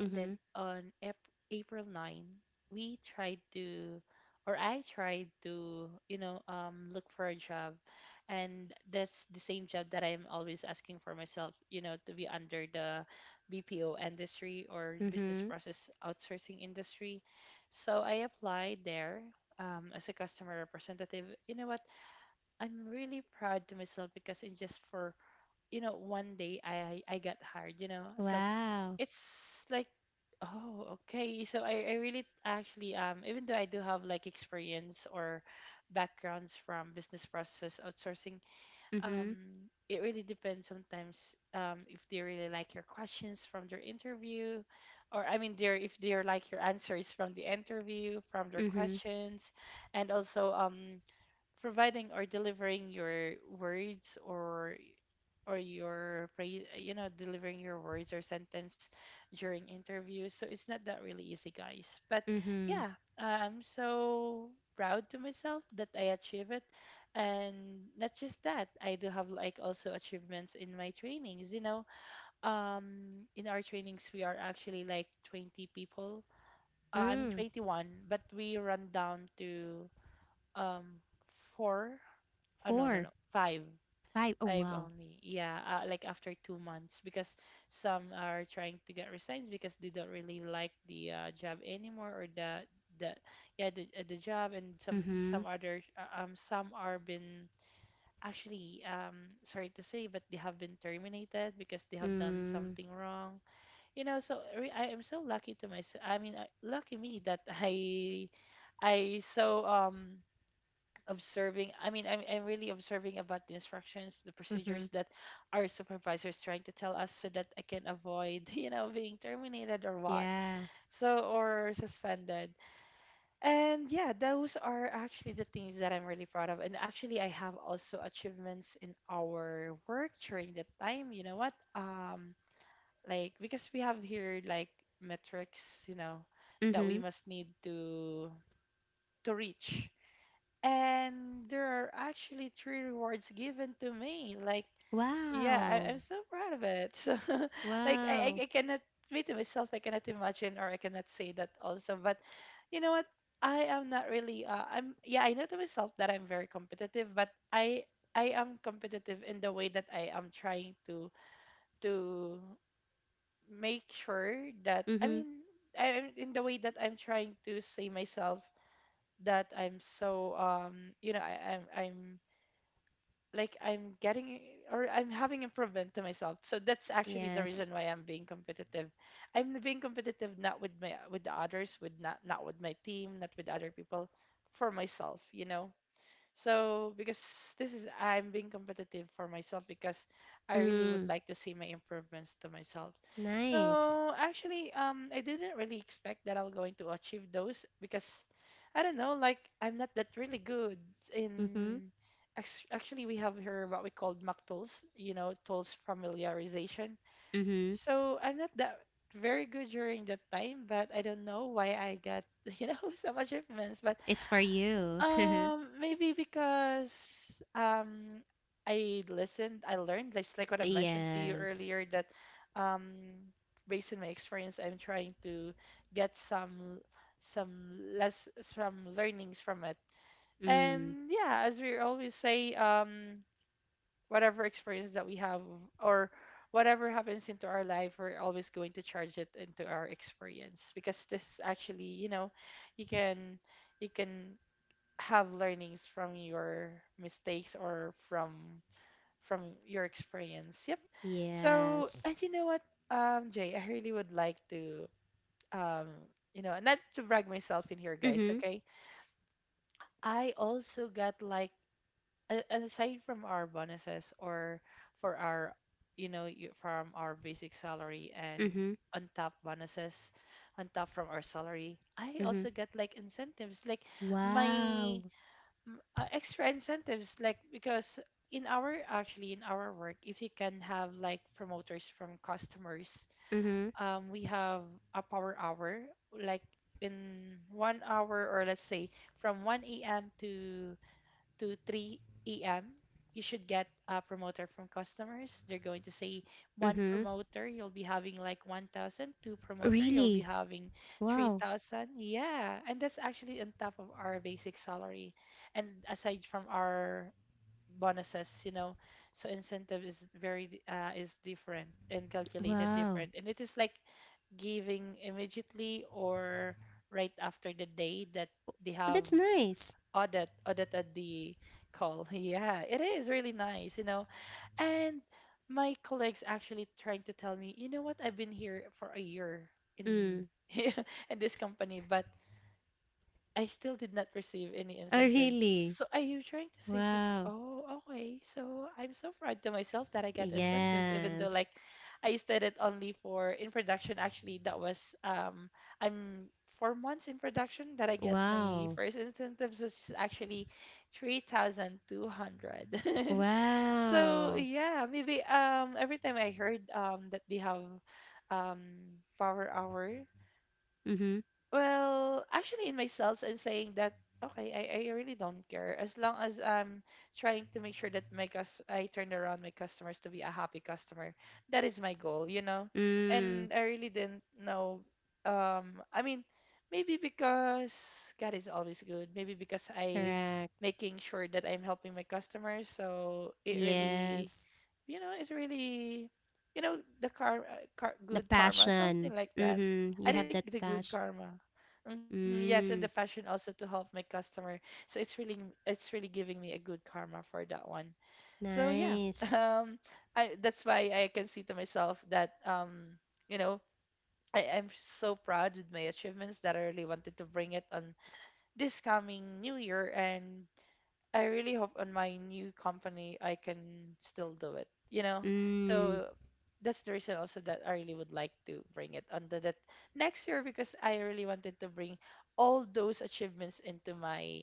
S1: And then on April 9, we tried to, or I tried to, you know, look for a job. And that's the same job that I'm always asking for myself, you know, to be under the BPO industry, or business
S2: Mhm.
S1: process outsourcing industry. So I applied there. As a customer representative. You know what? I'm really proud to myself because, in just for 1 day, I got hired, so
S2: Wow.
S1: it's like, oh, okay. So I really, actually, even though I do have like experience or backgrounds from business process outsourcing,
S2: Mhm.
S1: um it really depends sometimes, if they really like your questions from their interview, or I mean, they if they're like your answers from the interview from their
S2: Mhm.
S1: questions. And also, providing or delivering your words, or your phrase, delivering your words or sentence during interviews. So it's not that really easy, guys. But
S2: Mhm.
S1: yeah, I'm so proud to myself that I achieve it. And not just that, I do have like also achievements in my trainings. You know, in our trainings, we are actually like 20 people. I mean,
S2: Mm.
S1: 21, but we run down to, um, four. Oh, no, no,
S2: Four,
S1: no, five.
S2: five. Oh
S1: Five
S2: wow.
S1: only. Yeah, like after 2 months, because some are trying to get resigns because they don't really like the, job anymore, or the, the yeah, the, the job. And some,
S2: Mm-hmm.
S1: other, some are been, actually, sorry to say, but they have been terminated because they have done
S2: Mm.
S1: something wrong. You know, so I am so lucky to myself. I mean, lucky me that <laughs> I observing I mean I'm really observing about the instructions, the
S2: Mm-hmm.
S1: procedures that our supervisor is trying to tell us, so that I can avoid <laughs> being terminated or what.
S2: Yeah.
S1: So, or suspended. And yeah, those are actually the things that I'm really proud of. And actually, I have also achievements in our work during that time. You know what? Like, because we have here like metrics, you know, that
S2: Mm-hmm.
S1: we must need to, reach. And there are actually three rewards given to me. Like, yeah, I,
S2: Wow.
S1: I'm so proud of it. <laughs> So, like, I, I,
S2: Wow.
S1: I cannot, me to myself, I cannot imagine, or I cannot say that also. But you know what? I am not really, I'm, yeah, I know to myself that I'm very competitive, but, I am competitive in the way that I am trying to make sure that, I
S2: Mm-hmm.
S1: mean, in the way that I'm trying to say myself that I'm so, I'm like I'm getting, or I'm having improvement to myself. So that's actually the
S2: Yes.
S1: reason why I'm being competitive. I'm being competitive not with my, with the others, with not with my team, not with other people, for myself, you know. So, because this, is I'm being competitive for myself because I really would
S2: Mm.
S1: like to see my improvements to myself.
S2: Nice.
S1: So actually, I didn't really expect that I'll going to achieve those, because I don't know, like I'm not that really good
S2: Mm-hmm.
S1: in. Actually, we have here what we call mock tools, you know, tools familiarization.
S2: Mm-hmm.
S1: So I'm not that very good during that time, but I don't know why I got <laughs> so much improvements. But,
S2: It's for you. <laughs>
S1: maybe because, I listened, I learned, like, what I've mentioned to you
S2: Yes.
S1: earlier, that, um based on my experience, I'm trying to get some learnings from it.
S2: Mm.
S1: And yeah, as we always say, whatever experience that we have, or whatever happens into our life, we're always going to charge it into our experience, because this is actually, you know, you can, you can have learnings from your mistakes, or from your experience. Yep. So,
S2: Yes.
S1: and you know what, Jay, I really would like to, um, not to brag myself in here, guys.
S2: Mm-hmm.
S1: Okay, I also got like, aside from our bonuses, or for our, from our basic salary, and
S2: Mm-hmm.
S1: on top bonuses, on top from our salary, I
S2: Mm-hmm.
S1: also got like incentives, like my,
S2: Wow.
S1: extra incentives, like, because in our, actually, in our work, if you can have like promoters from customers,
S2: Mm-hmm.
S1: we have a power hour. Like, in 1 hour, or let's say from 1 a.m. to 3 a.m., you should get a promoter from customers. They're going to say, one
S2: Mm-hmm.
S1: promoter, you'll be having like 1,000, two promoter, you'll be
S2: Really?
S1: having
S2: Wow.
S1: 3,000. Yeah. And that's actually on top of our basic salary. And aside from our bonuses, you know, so incentive is very is different and calculated
S2: Wow.
S1: different. And it is like giving immediately, or right after the day that they
S2: But
S1: have
S2: that's nice.
S1: audited the call. <laughs> Yeah, it is really nice, you know. And my colleagues actually trying to tell me, you know what, I've been here for a year, in
S2: Mm.
S1: <laughs> in this company, but I still did not receive any
S2: Oh
S1: incentives.
S2: really?
S1: So are you trying to say to us,
S2: Wow.
S1: oh, okay, so I'm so proud to myself that I get incentives, even though
S2: Yes.
S1: like I stayed it only for in production. Actually, that was, I'm 4 months in production that I get my
S2: Wow.
S1: first incentives, which is actually 3,200. <laughs> So
S2: Wow.
S1: yeah, maybe, every time I heard, that they have, power hour.
S2: Mm-hmm.
S1: Well, actually, in myself, and saying that, okay, I really don't care. As long as I'm trying to make sure that my, cus I turn around my customers to be a happy customer. That is my goal, you know? And
S2: Mm.
S1: I really didn't know. I mean, maybe because God is always good. Maybe because I
S2: Correct.
S1: making sure that I'm helping my customers. So it really,
S2: Yes.
S1: you know, it's really, you know, the karma,
S2: The
S1: good karma,
S2: passion.
S1: something like that.
S2: Mm-hmm. You have
S1: I
S2: that
S1: think the
S2: passion.
S1: good karma. Hmm, yes, and
S2: Mm.
S1: the passion also, to help my customer. So it's really giving me a good karma for that one. So yeah, <laughs>
S2: Nice.
S1: um, I that's why I can see to myself that, you know, I'm so proud with my achievements, that I really wanted to bring it on this coming new year, and I really hope on my new company I can still do it, you know?
S2: Mm.
S1: So that's the reason also that I really would like to bring it under that next year, because I really wanted to bring all those achievements into my,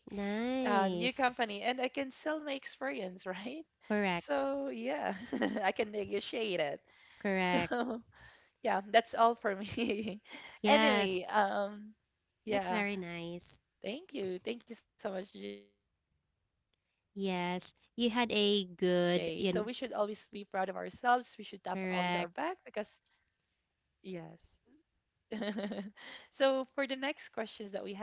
S1: new
S2: Nice.
S1: company, and I can sell my experience, <laughs> right?
S2: Correct.
S1: So yeah, <laughs> I can negotiate it.
S2: Correct.
S1: So <laughs> yeah, that's all for me. <laughs>
S2: Yes.
S1: Anyway,
S2: That's
S1: yeah.
S2: very nice.
S1: Thank you. Thank you so much, Jay. So we should always be proud of
S2: Yes.
S1: ourselves. We should
S2: You had
S1: tap
S2: a
S1: always our
S2: good
S1: back
S2: yun
S1: because, yes.
S2: correct.
S1: <laughs> So for the next questions that we have,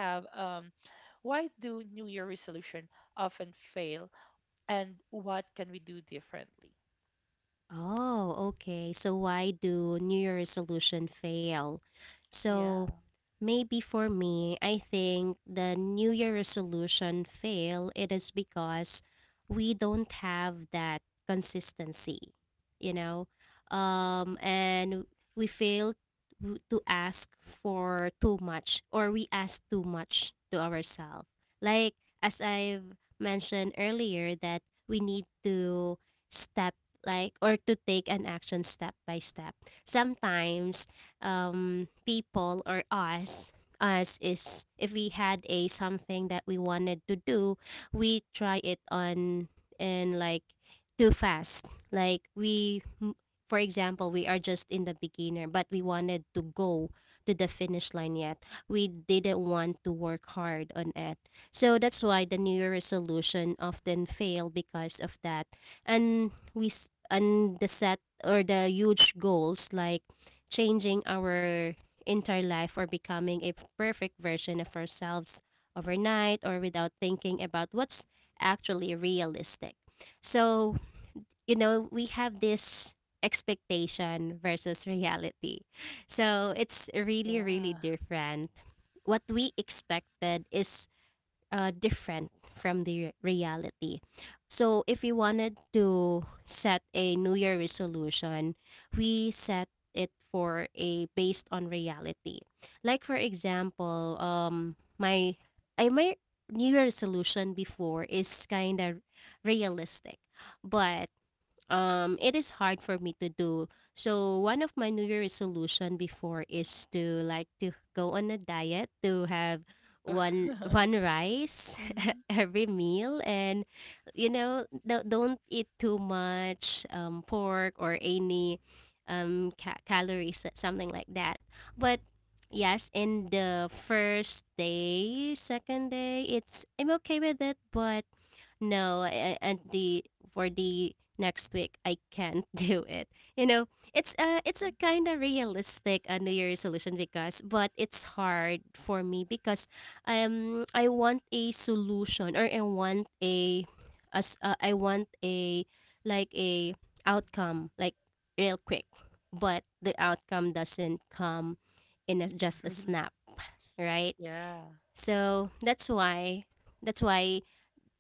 S1: why do New Year resolution often fail, and what can we do differently?
S2: Oh, okay. So why do New Year resolution fail? So
S1: Yeah,
S2: maybe for me, I think the New Year resolution fail it is because we don't have that consistency, you know, and we fail to ask for too much or we ask too much to ourselves. Like as I've mentioned earlier, that we need to step like or to take an action step by step. Sometimes people or us is if we had a something that we wanted to do, we try it on and like too fast, like for example, we are just in the beginner, but we wanted to go to the finish line yet we didn't want to work hard on it. So that's why the new year resolution often fail because of that. And and the set or the huge goals, like changing our entire life or becoming a perfect version of ourselves overnight or without thinking about what's actually realistic. So, we have this expectation versus reality. So, it's really, really
S1: yeah,
S2: different. What we expected is different from the reality. So, if we wanted to set a New Year resolution, we set it for a based on reality. Like for example, my New Year resolution before is kind of realistic, but it is hard for me to do. So one of my new year resolution before is to like to go on a diet, to have one
S1: <laughs>
S2: one rice
S1: hmm,
S2: <laughs> every meal, and don't eat too much pork or any calories, something like that. But yes, in the first day, second day, it's I'm okay with it, but no, I, I- and the for the next week I can't <laughs> do it, you know. It's a, kind of realistic new year resolution, because but it's hard for me, because I want a solution or I want a, as I want a, like a, outcome, like real quick, but the outcome doesn't come in a, just a snap, right?
S1: <laughs> yeah,
S2: So that's why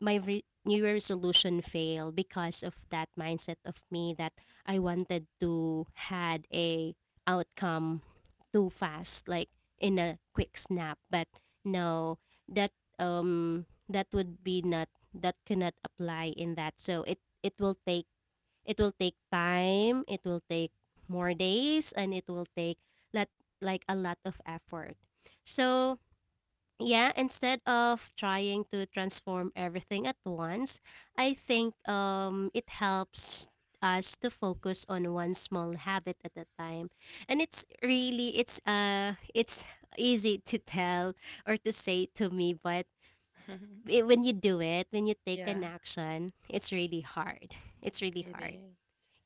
S2: my New Year resolution failed, because of that mindset of me, that I wanted to had a outcome too fast, like in a quick snap. But no, that would be not, that cannot apply in that. So it will take time. It will take more days, and it will take lot like a lot of effort. So yeah, instead of trying to transform everything at once, I think it helps us to focus on one small habit at a time. And it's really it's easy to tell or to say to me, but
S1: <laughs>
S2: when you do it, when you take
S1: yeah.
S2: an action, it's really hard. It's really
S1: It
S2: hard.
S1: is.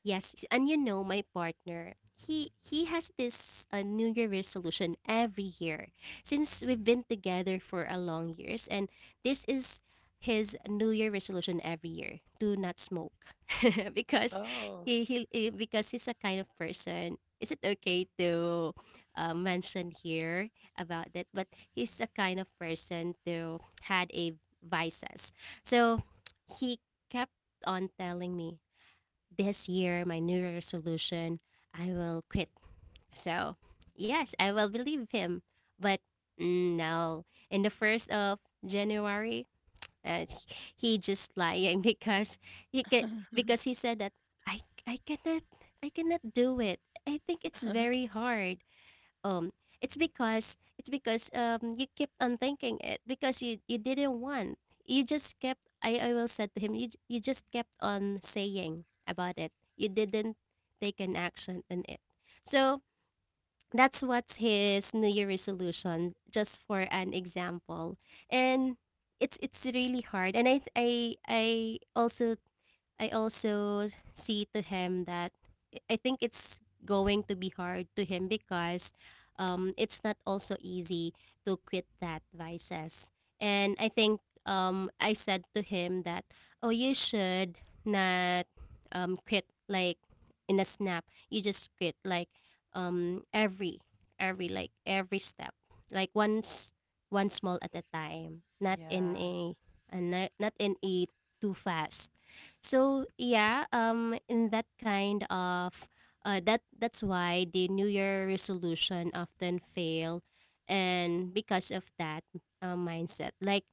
S2: Yes, and you know my partner, he has this New Year resolution every year since we've been together for a long years, and this is his New Year resolution every year: do not smoke, <laughs> because
S1: Oh,
S2: because he's a kind of person. Is it okay to mention here about that? But he's a kind of person to had a vices, so he kept on telling me, this year, my New Year resolution, I will quit. So, yes, I will believe him. But no, in the first of January, uh, <laughs> he just lying <laughs> because he ca-
S1: <laughs>
S2: because he said that I I cannot I cannot do it. I think it's very hard, um it's because, you kept on thinking it, because you didn't want, you just kept, I will said to him, you just kept on saying about it, you didn't take an action on it. So that's what's his new year resolution, just for an example. And it's really hard, and I th- I also I also see to him that I think it's going to be hard to him, because it's not also easy to quit that vices. And I think I said to him that, oh, you should not quit like in a snap. You just quit like, um, every, like every step, like once, one small at a time, not in
S1: yeah.
S2: a not in a too fast. So yeah, in that kind of that's why the New Year resolution often fail, and because of that mindset, like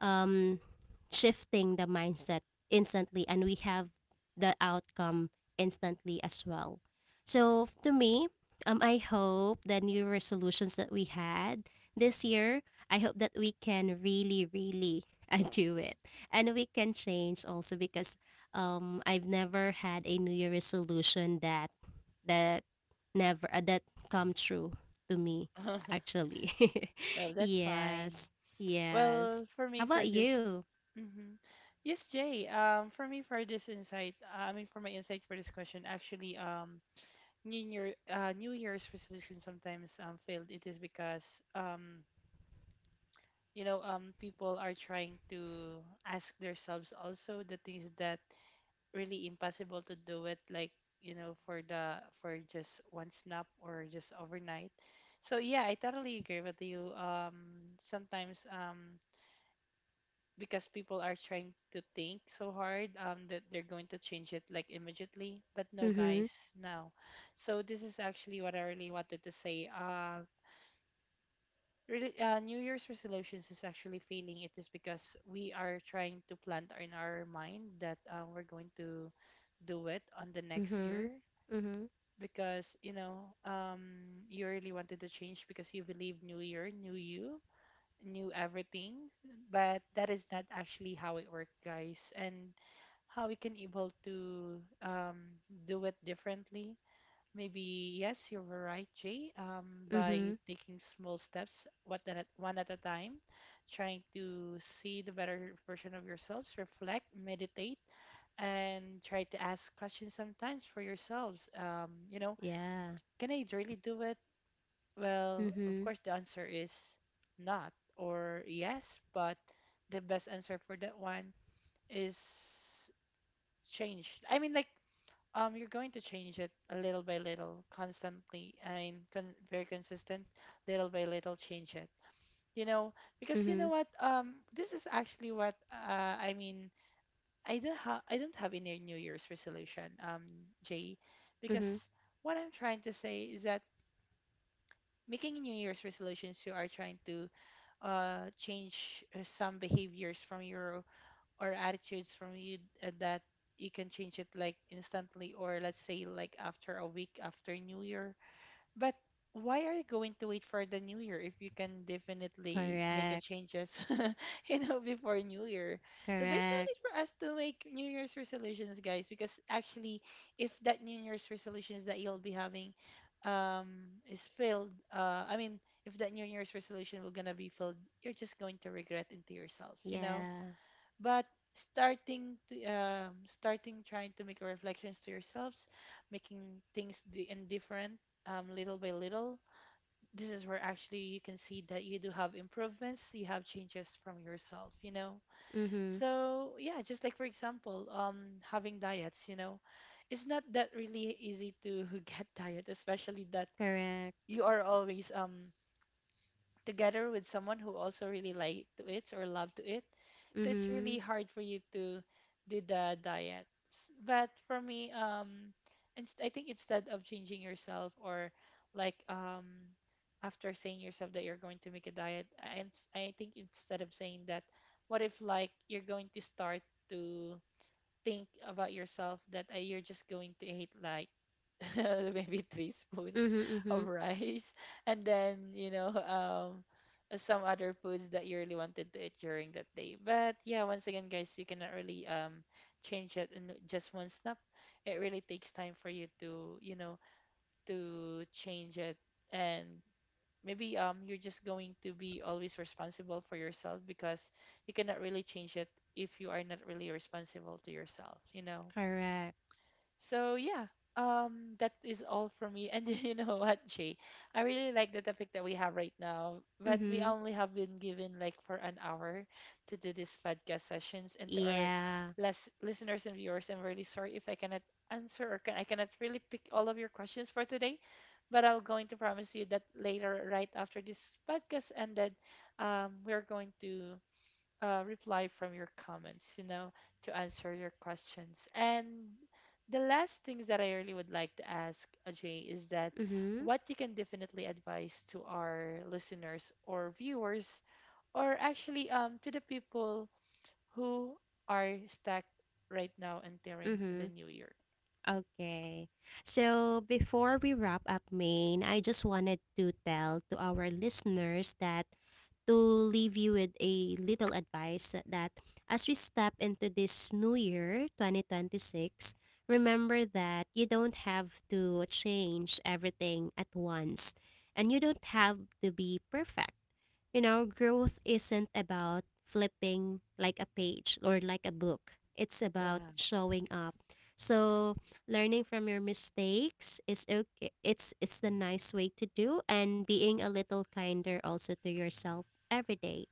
S2: um, shifting the mindset instantly, and we have the outcome instantly as well. So to me, I hope the new resolutions that we had this year, I hope that we can really, really <laughs> do it, and we can change also, because I've never had a new year resolution that that never that come true to me
S1: <laughs>
S2: actually. <laughs>
S1: Well, that's fine.
S2: Yes.
S1: Well,
S2: Yes.
S1: for
S2: How
S1: me,
S2: about
S1: for this,
S2: you?
S1: hmm, yes, Jay. For me, for this insight, I mean, for my insight for this question, actually, New Year's resolution sometimes failed. It is because, people are trying to ask themselves also the things that really impossible to do it, like, for just one snap, or just overnight. So yeah, I totally agree with you. Sometimes, because people are trying to think so hard, that they're going to change it like immediately. But no,
S2: Mhm.
S1: guys, no. So this is actually what I really wanted to say. Really, New Year's resolutions is actually failing. It is because we are trying to plant in our mind that, we're going to do it on the next year,
S2: Mhm. Mhm.
S1: because you really wanted to change because you believe new year, new you, new everything. But that is not actually how it works, guys. And how we can able to, do it differently. Maybe yes, you were right, Jay. Um,
S2: Mhm.
S1: by taking small steps, one at a time, trying to see the better version of yourselves, reflect, meditate, and try to ask questions sometimes for yourselves. Um, you know,
S2: Yeah.
S1: can I really do it? Well, of
S2: Mhm.
S1: course, the answer is not, or yes, but the best answer for that one is change. I mean, like, you're going to change it a little by little constantly, and very consistent, little by little, change it. you know because you know
S2: Mhm.
S1: what, this is actually what, I mean, I don't have any new year's resolution, Jay. Because
S2: Mhm.
S1: what I'm trying to say is that making new year's resolutions, you are trying to change, some behaviors from your, or attitudes from you, that you can change it like instantly, or let's say like after a week after new year. But why are you going to wait for the new year if you can definitely make a
S2: Correct.
S1: changes <laughs> before new year? So there's no
S2: Correct.
S1: need for us to make new year's resolutions, guys, because actually, if that new year's resolutions that you'll be having um is failed, I mean, if that new year's resolution will gonna be failed, you're just going to regret into yourself.
S2: Yeah.
S1: But starting trying to make reflections to yourselves, making things indifferent, little by little. This is where actually you can see that you do have improvements, you have changes from yourself.
S2: Mhm.
S1: So yeah, just like for example, having diets. It's not that really easy to <laughs> get diet, especially that
S2: Correct.
S1: you are always together with someone who also really like to it or love to it. So it's
S2: Mhm.
S1: really hard for you to do the diets. But for me, I think instead of changing yourself, or like, after saying yourself that you're going to make a diet, I think instead of saying that, what if like you're going to start to think about yourself that you're just going to hate like <laughs> maybe three spoons
S2: Mhm. Mhm.
S1: of rice, and then some other foods that you really wanted to eat during that day. But yeah, once again, guys, you cannot really change it in just one snap. It really takes time for you to to change it. And maybe you're just going to be always responsible for yourself, because you cannot really change it if you are not really responsible to yourself. you know
S2: Correct.
S1: so yeah, that is all for me. And <laughs> you know what, Jay? I really like the topic that we have right now, but we
S2: Mhm.
S1: only have been given like for an hour to do this podcast sessions. And to our
S2: Yeah.
S1: listeners and viewers, I'm really sorry if I cannot answer, or I cannot really pick all of your questions for today. But I'll going to promise you that later, right after this podcast ended, we're going to reply from your comments, to answer your questions. And the last things that I really would like to ask Ajay is that
S2: Mhm.
S1: what you can definitely advise to our listeners or viewers, or actually to the people who are stuck right now entering to the
S2: Mhm.
S1: new year.
S2: Okay. So before we wrap up, Maine, I just wanted to tell to our listeners that, to leave you with a little advice that as we step into this new year, 2026, remember that you don't have to change everything at once, and you don't have to be perfect. You know, growth isn't about flipping like a page or like a book, it's about
S1: Yeah,
S2: showing up. So, learning from your mistakes is okay. Is it's the nice way to do, and being a little kinder also to yourself every day.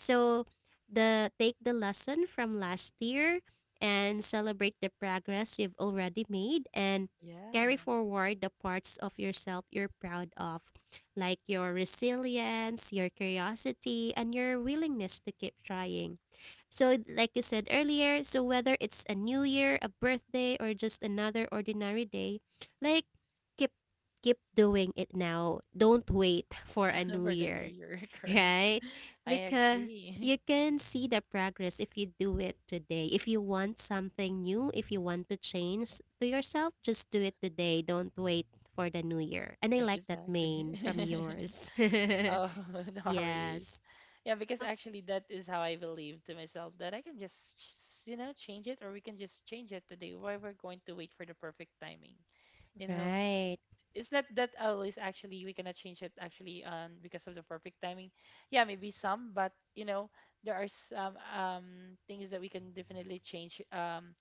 S2: So the take the lesson from last year, and celebrate the progress you've already made, and carry
S1: yeah,
S2: forward the parts of yourself you're proud of, like your resilience, your curiosity, and your willingness to keep trying. So, like you said earlier, so whether it's a new year, a birthday, or just another ordinary day, like keep keep doing it now. Don't wait for a
S1: <laughs>
S2: new
S1: for the new
S2: year,
S1: year, <laughs>
S2: <laughs>
S1: correct.
S2: right?
S1: I agree.
S2: You can see the progress if you do it today. If you want something new, if you want to change to yourself, just do it today. Don't wait for the new year. And I
S1: <laughs>
S2: like that
S1: Exactly.
S2: main from
S1: <laughs>
S2: yours.
S1: Oh, <laughs>
S2: <laughs>
S1: no worries.
S2: Yes.
S1: Yeah, because
S2: Oh,
S1: actually that is how I believe to myself that I can just, change it, or we can just change it today. Why we're going to wait for the perfect timing, you know?
S2: right.
S1: It's not that always actually we cannot change it actually because of the perfect timing. Yeah, maybe some, but you know, there are some things that we can definitely change. Um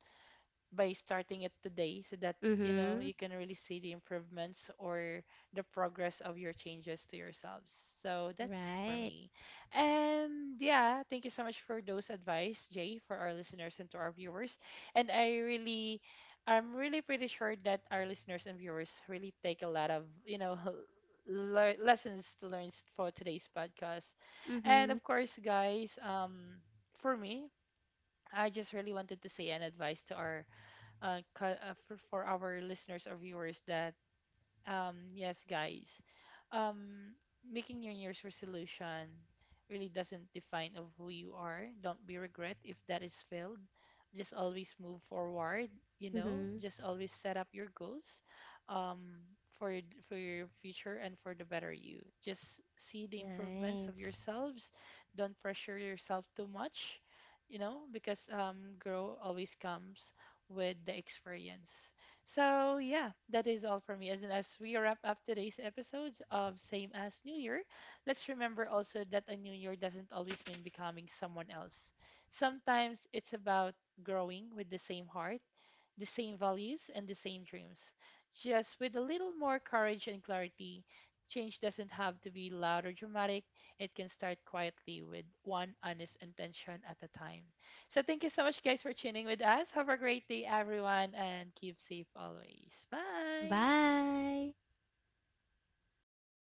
S1: by starting it today, so that you know
S2: Mm-hmm.
S1: you can really see the improvements or the progress of your changes to yourselves, so that's for
S2: Right.
S1: me. And yeah, thank you so much for those advice, Jay, for our listeners and to our viewers. And I'm really pretty sure that our listeners and viewers really take a lot of <laughs> lessons to learn for today's podcast. And
S2: Mm-hmm.
S1: of course, guys, for me, I just really wanted to say an advice to our for our listeners or viewers, that yes, guys. Um, making your New Year's resolution really doesn't define of who you are. Don't be regret if that is failed. Just always move forward. You know,
S2: Mm-hmm.
S1: just always set up your goals, um, for your future and for the better you. Just see the improvements of
S2: Nice.
S1: yourselves. Don't pressure yourself too much. You know, because grow always comes with the experience. So yeah, that is all for me. As in, as we wrap up today's episodes of Same as New Year, let's remember also that a new year doesn't always mean becoming someone else. Sometimes it's about growing with the same heart, the same values, and the same dreams. Just with a little more courage and clarity, change doesn't have to be loud or dramatic. It can start quietly with one honest intention at a time. So, thank you so much, guys, for tuning with us. Have a great day, everyone, and keep safe always. Bye.
S2: Bye.